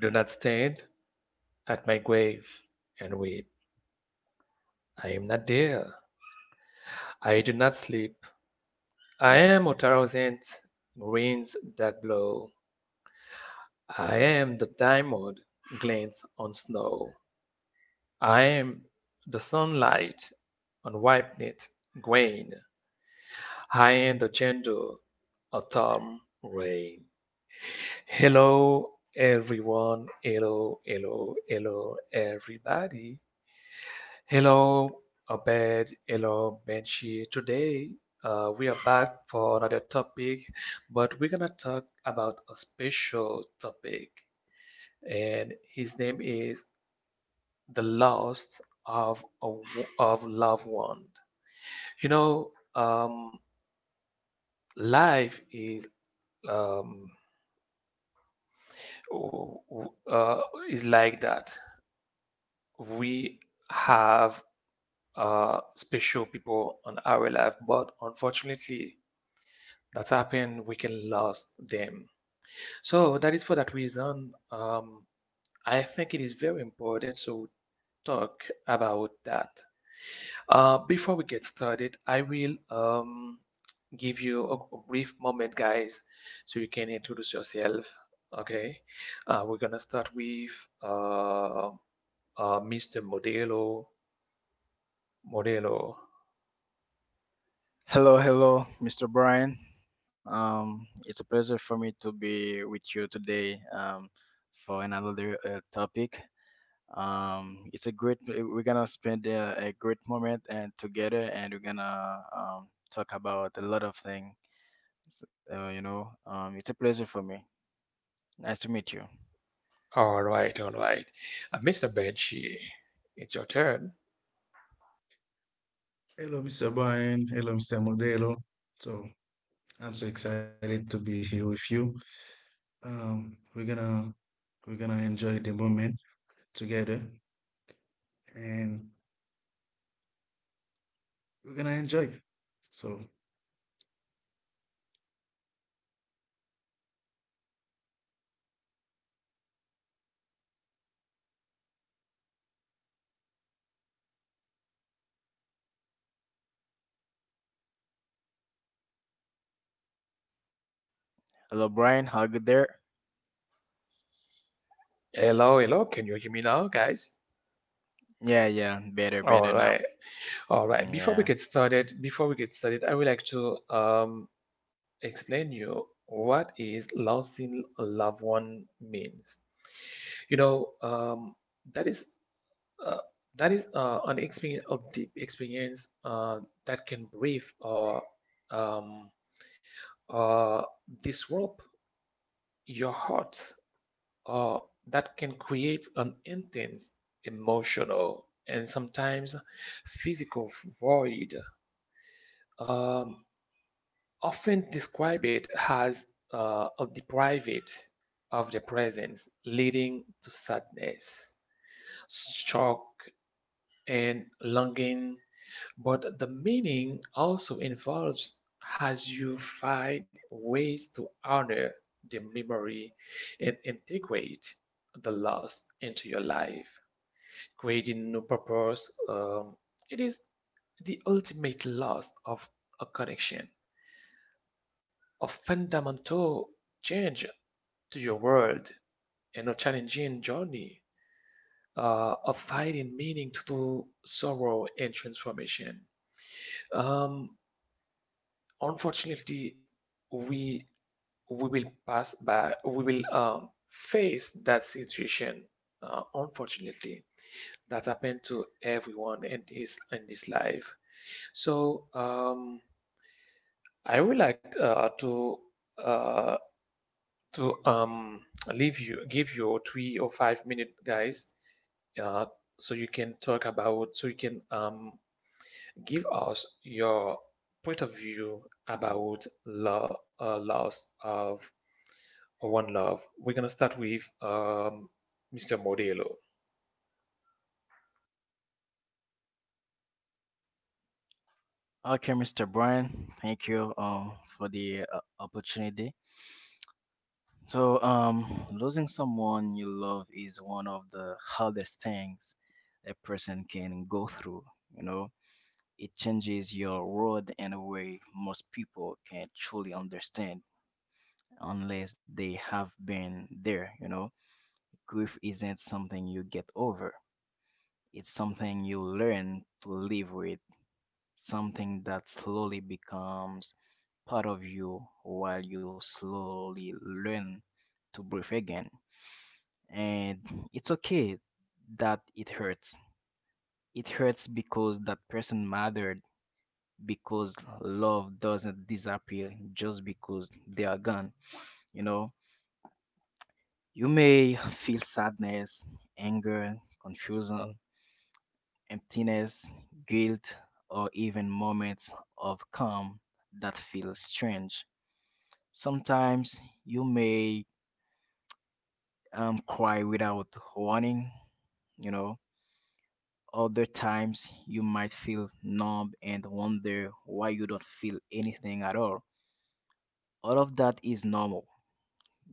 Do not stand at my grave and weep. I am not there. I do not sleep. I am a thousand winds that blow. I am the diamond glints on snow. I am the sunlight on ripened grain. I am the gentle autumn rain. Hello, everyone. Hello, hello, hello, everybody. Hello, Abed. Hello, Benchi. Today, we are back for another topic, but we're gonna talk about a special topic, and his name is the loss of loved one. You know, life is um, w- w- uh, is like that. We have special people on our life, but unfortunately that's happened we can lose them, so that is for that reason. I think it is very important to talk about that. Before we get started, I will give you a brief moment, guys, so you can introduce yourself. Okay, we're gonna start with uh, Mr. Modelo. modelo Hello, hello, Mr. Brian. It's a pleasure for me to be with you today, for another topic. It's a great. We're gonna spend a great moment and together, and we're gonna talk about a lot of things. It's a pleasure for me. Nice to meet you. all right, all right. Mr. Benchi, it's your turn. Hello, Mr. Brian. Hello, Mr. Modelo. So I'm so excited to be here with you. We're gonna enjoy the moment together, and we're gonna enjoy. So Hello, Brian. How good there? Hello, hello, can you hear me now, guys? Yeah, yeah, better, All better now. right, all right. Mm. Before we Yeah. get started, before we get started, I would like to explain you what is losing a loved one means. You know, that is uh, an experience of deep experience that can breathe or um, uh, disrupt your heart, or that can create an intense emotional and sometimes physical void, um, often describe it as a deprived of the presence, leading to sadness, shock, and longing. But the meaning also involves as you find ways to honor the memory and integrate the loss into your life, creating new purpose. It is the ultimate loss of a connection, a fundamental change to your world, and a challenging journey of finding meaning to sorrow and transformation. Um, Unfortunately, we we will pass by, we will face that situation. Unfortunately, that happened to everyone in this life. So I would like uh, to leave you, give you 3 or 5 minute, guys, uh so you can talk about, so you can give us your point of view about lo loss of one love. We're gonna start with Mr. Modelo. Okay, Mr. Brian. Thank you for the opportunity. So, losing someone you love is one of the hardest things a person can go through. You know, it changes your world in a way most people can't truly understand unless they have been there. You know, grief isn't something you get over, it's something you learn to live with, something that slowly becomes part of you while you slowly learn to breathe again. And it's okay that it hurts. It hurts because that person mattered, because love doesn't disappear just because they are gone, you know. You may feel sadness, anger, confusion, emptiness, guilt, or even moments of calm that feel strange. Sometimes you may cry without warning, you know. Other times you might feel numb and wonder why you don't feel anything at all. All of that is normal.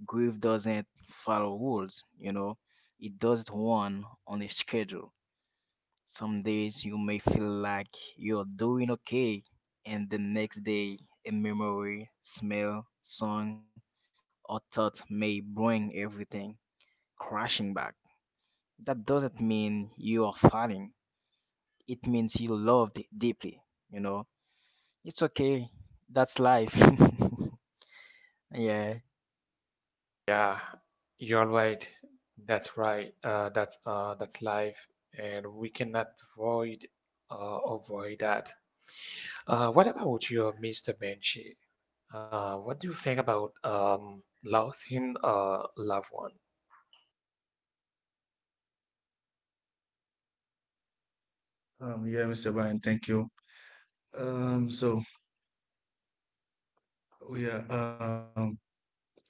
Grief doesn't follow rules, you know, it doesn't run on a schedule. Some days you may feel like you're doing okay, and the next day a memory, smell, song, or thought may bring everything crashing back. That doesn't mean you are fighting, it means you loved deeply, you know. It's okay. That's life. Yeah. Yeah, you're right. That's right. Uh, that's life, and we cannot avoid avoid that. What about you, Mr. Benchi? What do you think about losing a loved one? Yeah, Mr. Brian, thank you. So we are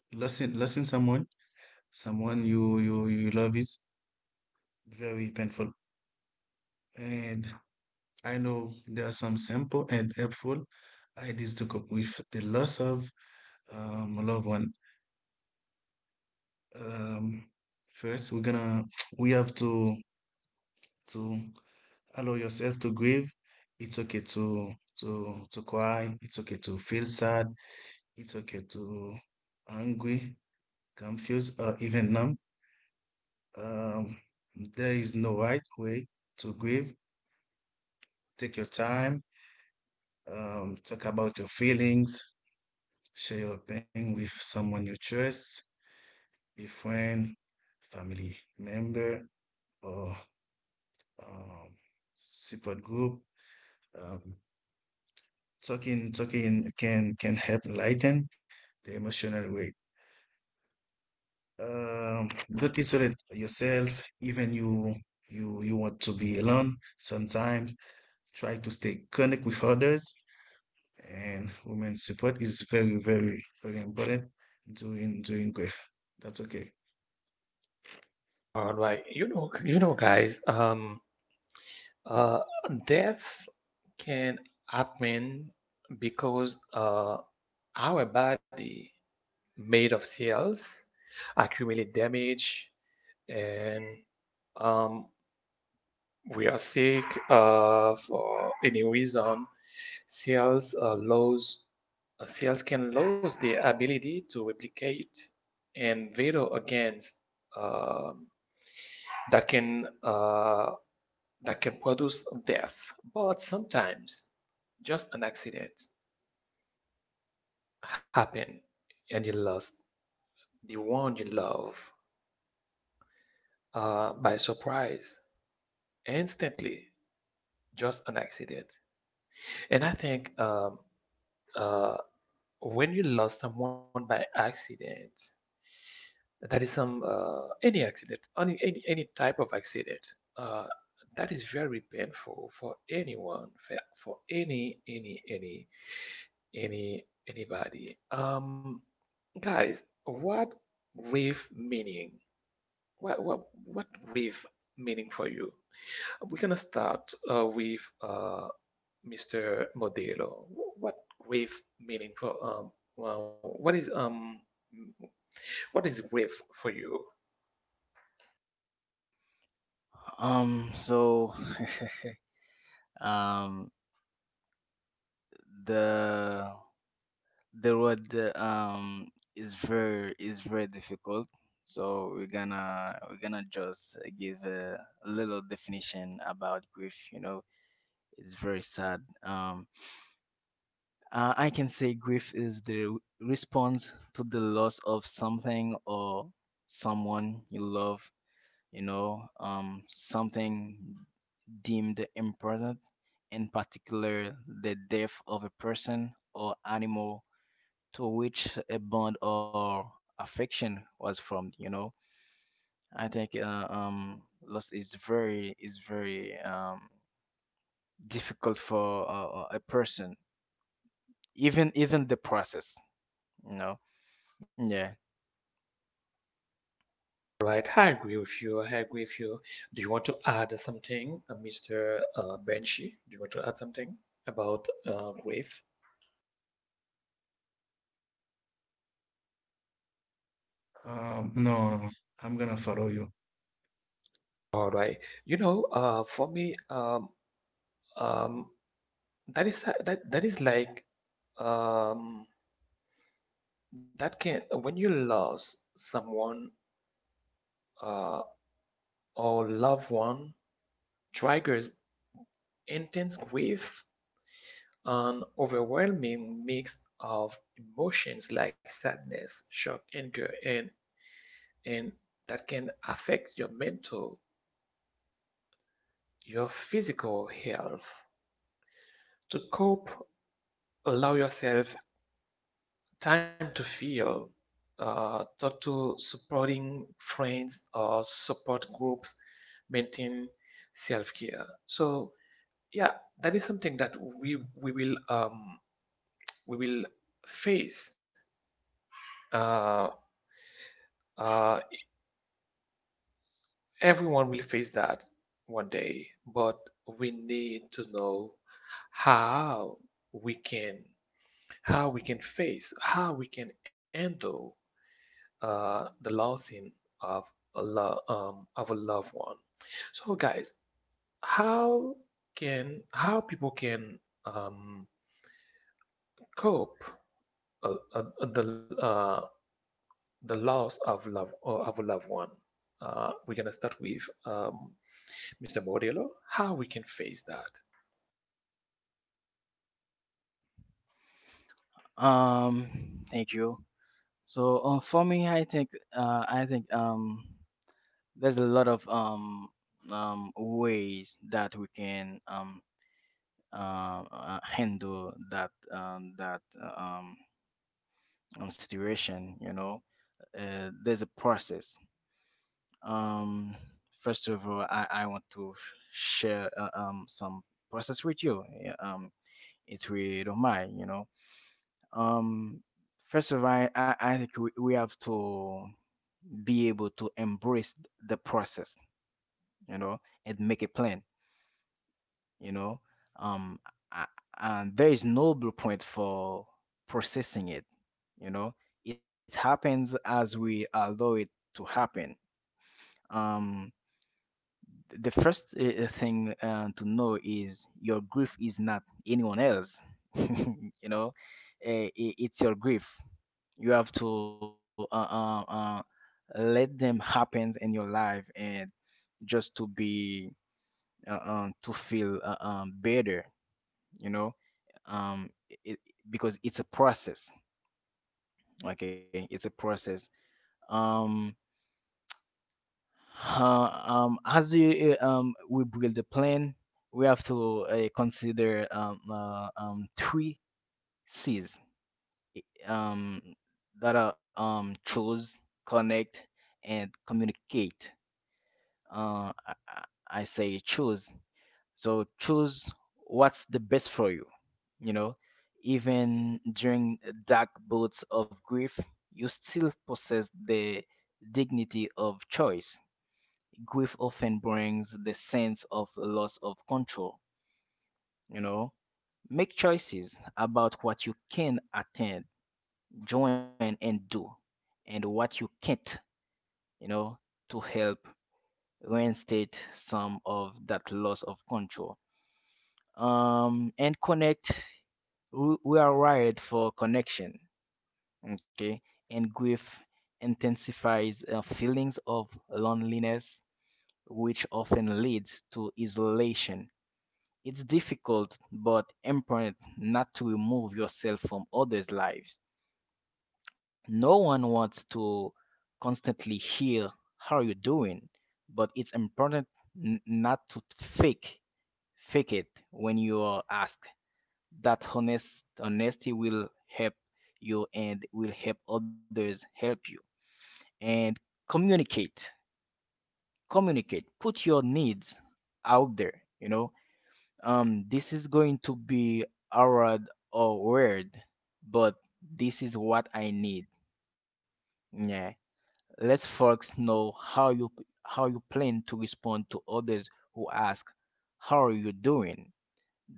losing someone, someone you love is very painful, and I know there are some simple and helpful ideas to cope with the loss of a loved one. Um, first, we have to allow yourself to grieve. It's okay to cry. It's okay to feel sad. It's okay to angry, confused, or even numb. Um, there is no right way to grieve. Take your time. Talk about your feelings. Share your pain with someone you trust, a friend, family member, or um, support group. Um, talking can help lighten the emotional weight. Don't isolate yourself, even you want to be alone. Sometimes try to stay connected with others, and women support is very important during grief. That's okay. All right, you know, guys. Uh, Death can happen because our body, made of cells, accumulate damage, and um, we are sick for any reason. cells uh, lose Cells can lose the ability to replicate and veto against, um, that can produce death. But sometimes just an accident happen and you lost the one you love by surprise, instantly. Just an accident. And I think uh, when you lost someone by accident, that is some any accident, any type of accident, uh, that is very painful for anyone, for any anybody. Guys, what grief meaning? What grief meaning for you? We're gonna start with Mr. Modelo, what grief meaning for well what is um what is grief for you? Um so um the the road is very, is very difficult. So we're gonna just give a little definition about grief, you know. It's very sad. I can say grief is the response to the loss of something or someone you love, you know, something deemed important, in particular the death of a person or animal to which a bond or affection was formed, you know. I think loss is very, is very difficult for a person, even, even the process, you know. Yeah. Right, I agree with you. I agree with you. Do you want to add something, Mr. Benchi? Do you want to add something about grief? No, no, I'm gonna follow you. All right. You know, for me, um, that is that is like, um, that can, when you lose someone uh, or loved one, triggers intense grief, an overwhelming mix of emotions like sadness, shock, anger, and that can affect your mental, your physical health. To cope, allow yourself time to feel. Talk to supporting friends or support groups, maintain self care. So, yeah, that is something that we will we will face. Uh, Uh, Everyone will face that one day, but we need to know how we can how we can face, how we can handle the losing of a lo of a loved one. So, guys, how how people can um, cope uh, uh, uh, the uh, the loss of love of a loved one? We're gonna start with Mr. Borello, how we can face that. Um. Thank you. So for me, I think, uh, I think um there's a lot of ways that we can handle that, situation, you know. There's a process. um First of all, I want to share some process with you, yeah. It's really don't mind, you know. um First of all, I I think we have to be able to embrace the process, you know, and make a plan, you know. um a- and there is no blueprint for processing it, you know. It happens as we allow it to happen. um the first thing to know is your grief is not anyone else. You know, it's your grief. You have to let them happen in your life and just to be to feel better, you know. um it, because it's a process. Okay, it's a process. um as you we build the plan, we have to consider three C's, um that are, choose, connect, and communicate. uh i, I I say choose. So choose what's the best for you. You know, even during dark bouts of grief, you still possess the dignity of choice. Grief often brings the sense of loss of control. You know, make choices about what you can attend, join, and do, and what you can't, you know, to help reinstate some of that loss of control. And connect, we are wired for connection, okay, and grief intensifies feelings of loneliness, which often leads to isolation. It's difficult but important not to remove yourself from others' lives. No one wants to constantly hear how you're doing, but it's important not to fake, fake it. When you are asked, that honest, honesty will help you and will help others help you. And communicate, communicate, put your needs out there, you know. This is going to be hard or weird, but this is what I need. Yeah, let folks know how you, how you plan to respond to others who ask how are you doing.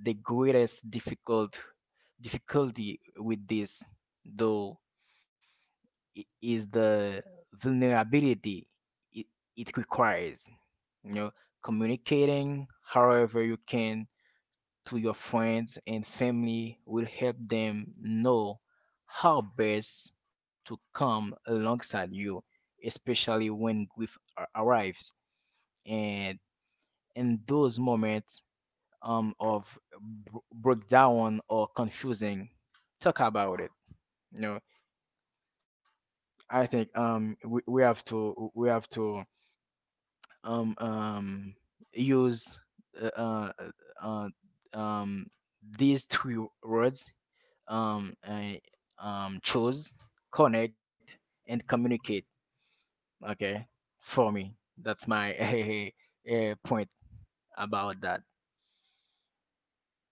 The greatest difficult, difficulty with this, though, is the vulnerability it, it requires, you know. Communicating however you can to your friends and family will help them know how best to come alongside you, especially when grief arrives. And in those moments of breakdown or confusing, talk about it, you know. I think we have to um um use uh, uh uh, um these three words. um I, Choose, connect, and communicate. Okay, for me, that's my point about that.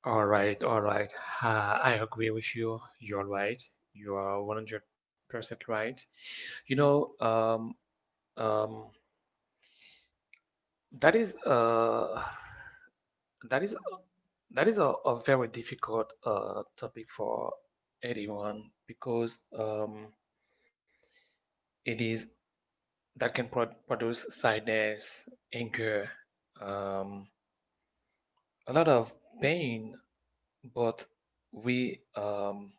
All right, all right. I agree with you. You're right. You are 100% right. You know, um, that is That is that is a very difficult topic for anyone because it is, that can produce sadness, anger, um, a lot of pain. But we,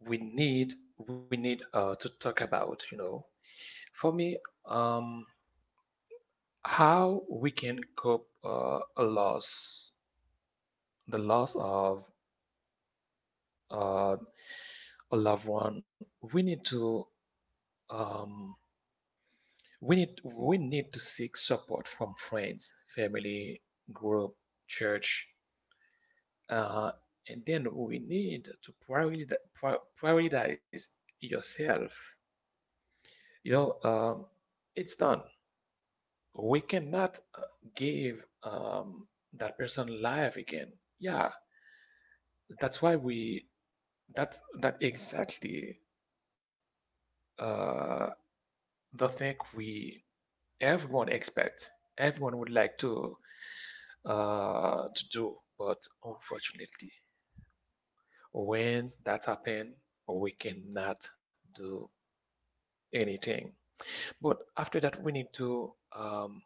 we need we need to talk about, you know. For me, um, how we can cope the loss of uh, a loved one, we need to, um, we need to seek support from friends, family, group, church, uh, and then we need to prioritize yourself. You know, it's done. We cannot give that person life again. Yeah, that's why we that's that exactly uh, the thing we everyone expects, everyone would like to do, but unfortunately, when that happen, we cannot do anything. But after that, we need to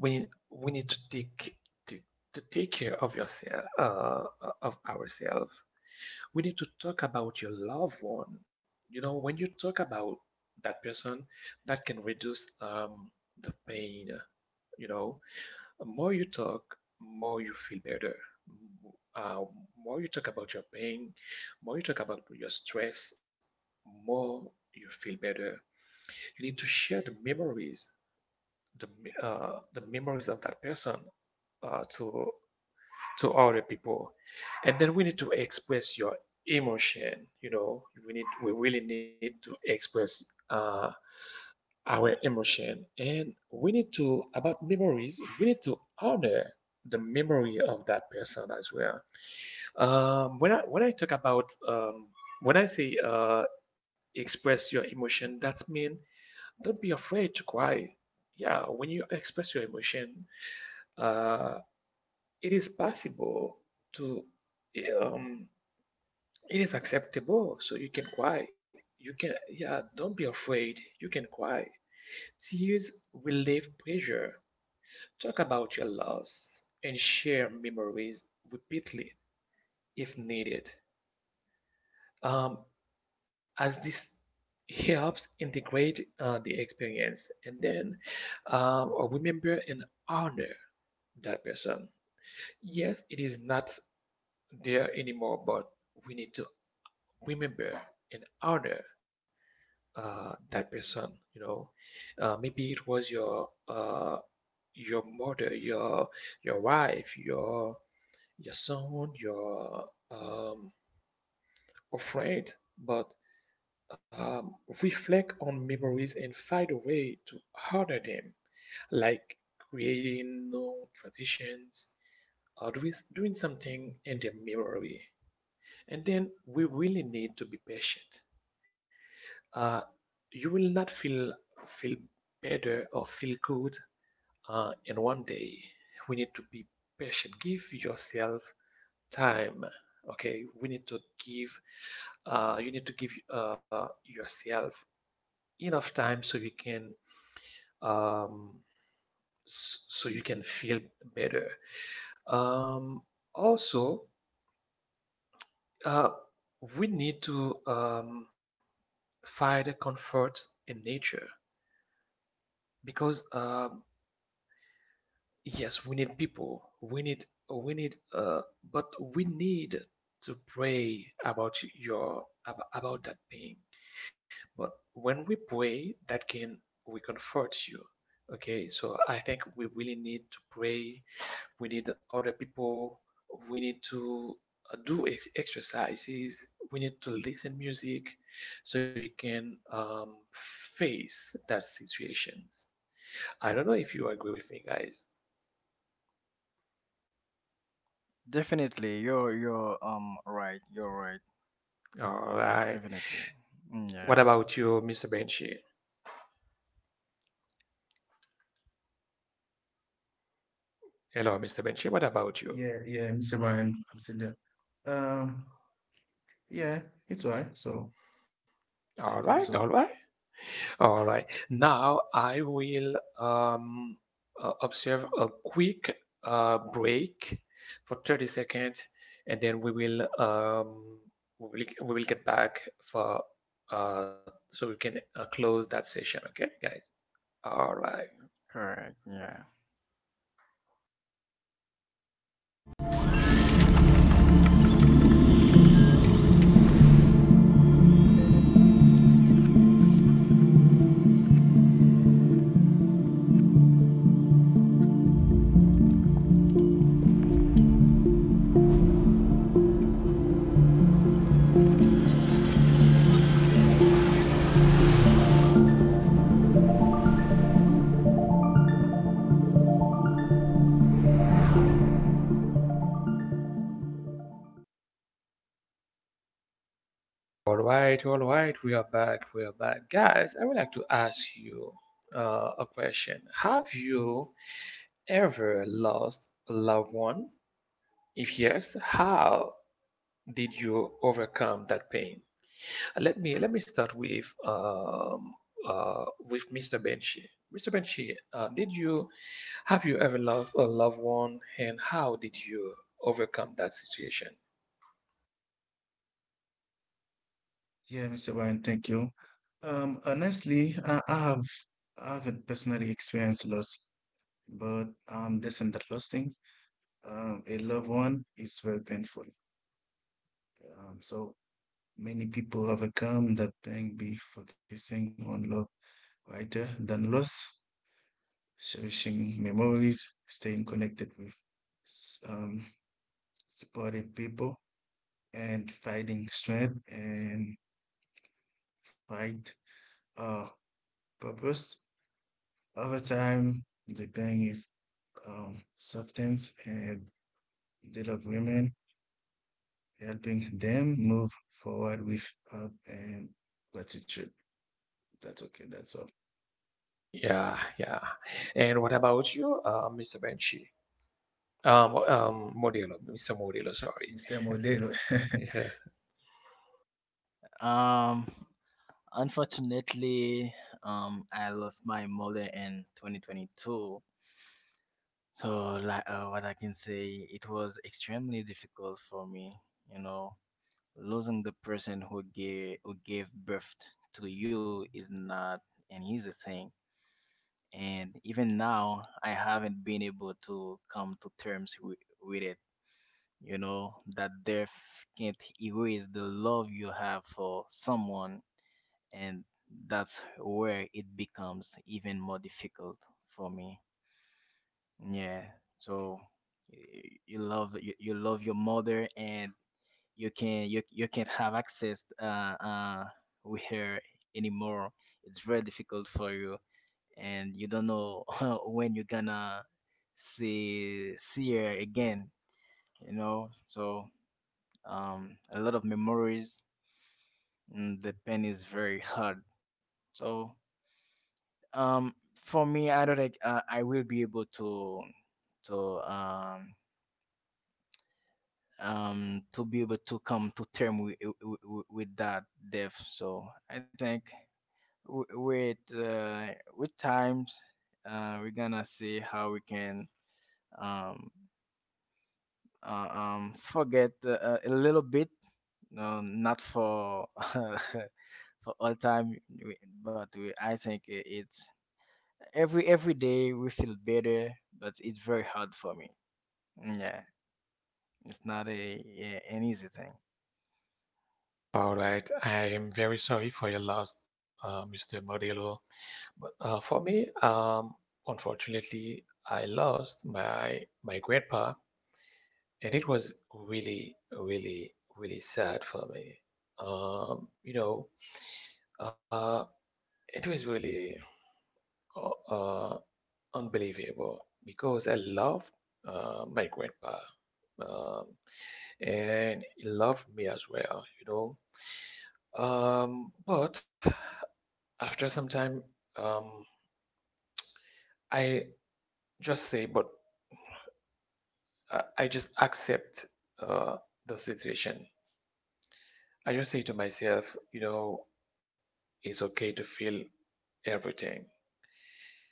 we we need to take to, to take care of yourself, of ourselves. We need to talk about your loved one. You know, when you talk about that person, that can reduce the pain. You know, the more you talk, more you feel better. Uh, more you talk about your pain, more you talk about your stress, more you feel better. You need to share the memories, the the memories of that person, uh, to to other people. And then we need to express your emotion. You know, we really need to express uh, our emotion, and we need to, about memories, we need to honor the memory of that person as well. When I talk about, when I say, express your emotion, that means don't be afraid to cry. Yeah, when you express your emotion, uh, it is possible to, um, it is acceptable, so you can cry. You can, yeah, don't be afraid, you can cry. Tears relieve pressure. Talk about your loss and share memories repeatedly if needed, um, as this helps integrate the experience, and then remember and honor that person. Yes, it is not there anymore, but we need to remember and honor that person. You know, maybe it was your mother, your wife, your you sound you're um, afraid, but um, reflect on memories and find a way to honor them, like creating new traditions or doing something in their memory. And then we really need to be patient. Uh, you will not feel better or feel good in one day. We need to be patient. Give yourself time. Okay, we need to give you need to give yourself enough time so you can, um, so you can feel better. Um, also, uh, we need to, find comfort in nature because, yes, we need people, we need but we need to pray about your about that pain. But when we pray, that can reconfort you. Okay, so I think we really need to pray. We need other people. We need to do exercises. We need to listen music, so you can face that situations. I don't know if you agree with me, guys. Definitely, you're right, you're right. All right. Definitely. Mm. What Yeah, about you, Mr. Benchi? Hello, Mr. Benchi. What about Yeah, you? yeah, Mr. Brian, I'm still there. Um, yeah, it's all right. So I All think right, so. all right. All right. Now I will observe a quick break for 30 seconds, and then we will we we will get back for, so we can close that session. Okay, guys. All right. correct. Yeah. All right. We are back. We are back, guys. I would like to ask you a question. Have you ever lost a loved one? If yes, how did you overcome that pain? Let me start uh, with Mr. Benchi. Mr. Benchi, did you have you ever lost a loved one, and how did you overcome that situation? Yeah, Mr. Brian, thank you. Um, honestly, I haven't personally experienced loss, but this and that losing a loved one is very painful. So many people overcome that pain by focusing on love rather than loss, cherishing memories, staying connected with s- um, supportive people, and finding strength and fight uh, purpose. Over time, deploying its substance and that of women, helping them move forward with hope and gratitude. That's okay, that's all. Yeah, yeah. And what about you, Mr. Benchi? Mr. Modelo, sorry. Mr. Modelo. Yeah. Um, Unfortunately, I lost my mother in 2022. So, like, what I can say, it was extremely difficult for me. You know, losing the person who gave, who gave birth to you is not an easy thing. And even now, I haven't been able to come to terms with it. You know that death can't erase the love you have for someone, and that's where it becomes even more difficult for me. Yeah. So you love, you love your mother and you can, you can't have access with her anymore. It's very difficult for you, and you don't know when you're gonna see, see her again, you know. So a lot of memories, and the pen is very hard. So for me, I don't think I will be able to um, to be able to come to term with, with that death. So I think w- with uh, with times, we're gonna see how we can um, forget a little bit, no, not for for all time, we- but we, I think it's every day we feel better, but it's very hard for me. Mm. Yeah, it's not a, an easy thing. All right, I am very sorry for your loss, Mr. Modelo. But for me, unfortunately, I lost my my grandpa, and it was really, really, really sad for me. You know, uh, it was really uh, uh, unbelievable because I loved my grandpa, um, and he loved me as well. You know, but after some time, um, I just say, but I just accept uh, the situation. I just say to myself, you know, it's okay to feel everything.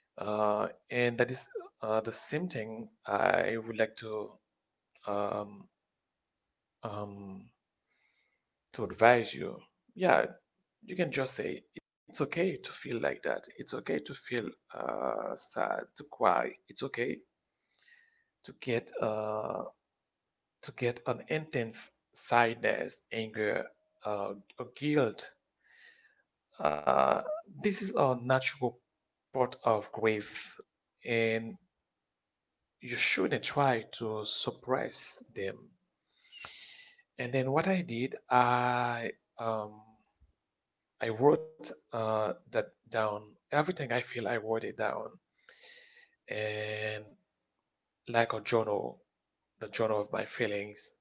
And that is the same thing I would like um, um, to advise you. Yeah, you can just say it's okay to feel like that. It's okay to feel sad, to cry. It's okay to get uh, to get an intense sadness, anger, uh, or guilt. Uh, this is a natural part of grief, and you shouldn't try to suppress them. And then what I did, um, I wrote that down. Everything I feel, I wrote it down, and like a journal, the journal of my feelings.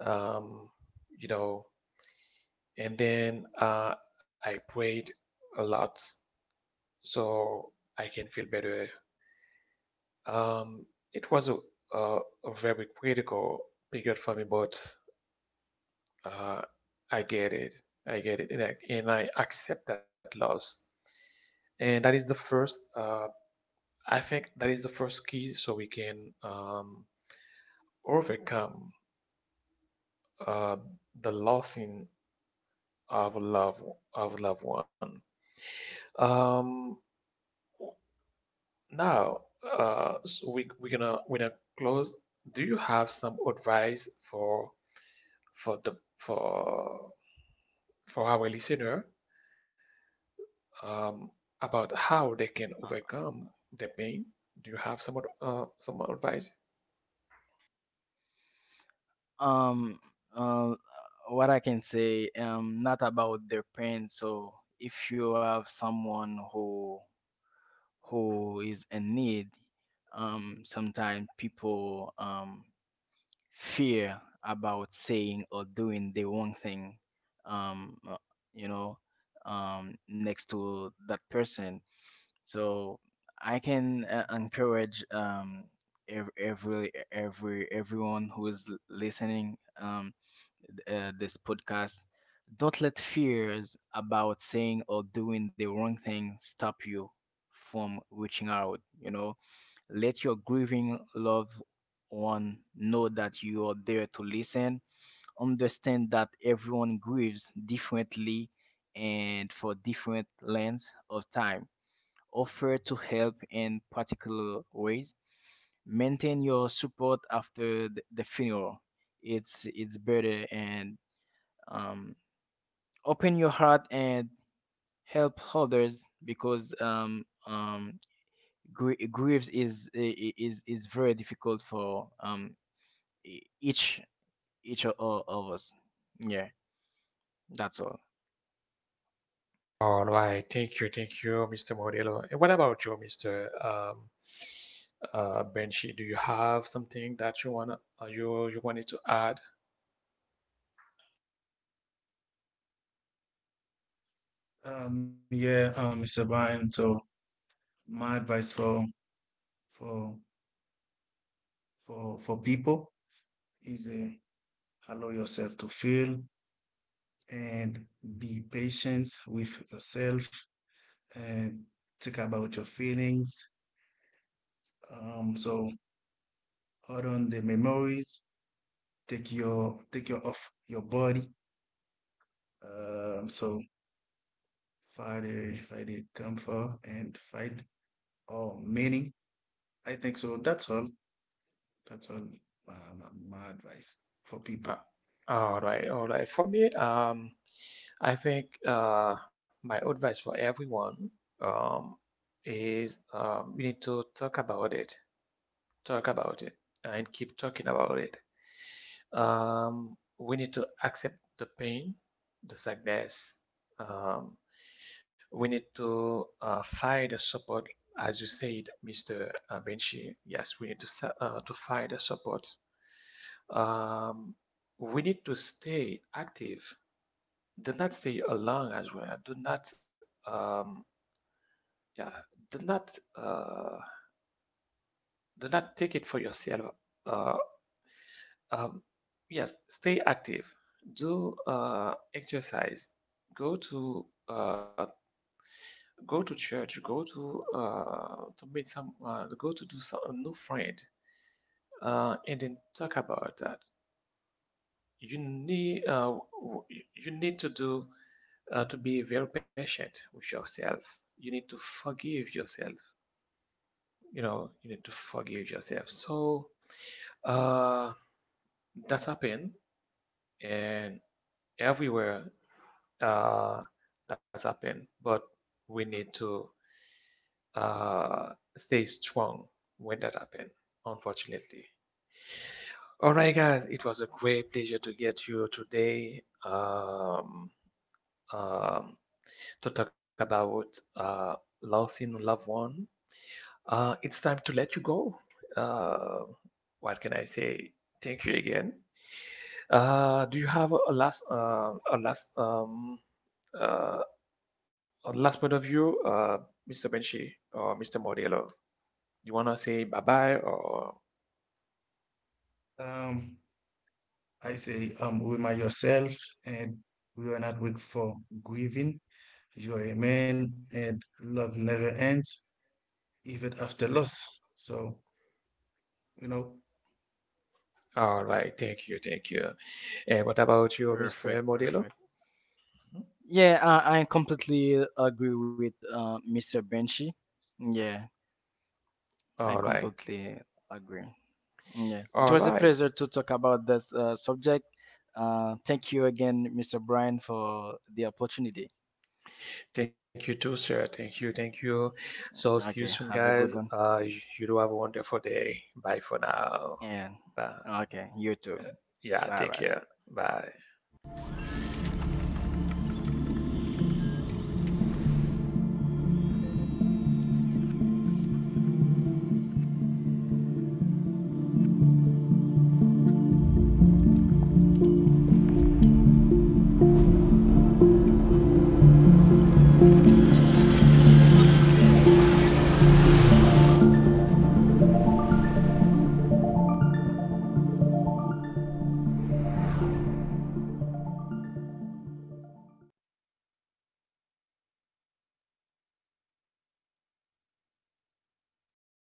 Um, you know and then I prayed a lot so I can feel better. Um, it was a, a very critical period for me, but uh, I get it. I get it, and I accept that loss. And that is the first, I think that is the first key so we can overcome uh, the losing of love of loved one. Um, Now, so we gonna close. Do you have some advice for the for our listener um, about how they can Uh, overcome the pain? Do you have some advice? Um, uh, what I can say, not about their pain. So if you have someone who is in need, sometimes people fear about saying or doing the wrong thing, um uh, you know, next to that person. So I can encourage everyone who is listening this podcast, don't let fears about saying or doing the wrong thing stop you from reaching out, you know. Let your grieving loved one know that you are there to listen. Understand that everyone grieves differently and for different lengths of time. Offer to help in particular ways. Maintain your support after the funeral. It's better. And um, open your heart and help others because Greaves is is very difficult for each, of us. Yeah, that's all. All right, thank you, Mr. Modelo. And what about you, Mr. Benchi? Do you have something that you wanna you you wanted to add? Yeah, Mr. Brian, so my advice for for people is allow yourself to feel and be patient with yourself and think about your feelings. So hold on the memories, take your off your body. So find a comfort and find all meaning. I think so. That's all. That's all. My advice for Uh, people. all right, all right. For me, I think my advice for everyone um, is we need to talk about it, and keep talking about it. We need to accept the pain, the sadness. Um, we need to find the support, as you said, Mr. Benchi. Yes, we need to to find the support um, we need to stay active. Do not stay alone as well. Do not, um, yeah, do not, uh, do not take it for yourself. Uh, um, yes, stay active. Do exercise. Go to go to church. Go to meet some. Go to do some a new friend. And then talk about that. you need uh, you need to do to be very patient with yourself. You need to forgive yourself. You know, you need to forgive yourself. So uh, that's happened, and everywhere uh, that's happened. But we need to uh, stay strong when that happens, unfortunately. All right, guys, it was a great pleasure to get you today. Um, to talk about losing a loved one. It's time to let you go. Uh, what can I say? Thank you again. Do you have uh, a last point of view, Mr. Benchi or Mr. Modelo? You wanna say bye bye or? Um, I say remind yourself, and we are not weak for grieving. You're a man, and love never ends, even after loss. So you know. All right, thank you, thank you. And what about you, Mr. Perfect, Modelo? perfect. Mhm. Yeah, I completely agree with Mr. Benchy. Yeah, I All right, completely agree. Yeah, it all was a right. pleasure to talk about this subject. Thank you again, Mr. Brian, for the opportunity. Thank you too, sir. Thank you. Thank you. So see you soon, Okay, guys. have a good Uh, one. you you do have a wonderful day. Bye for now. And Bye. okay, you too. Yeah, take Bye care. bye. Bye.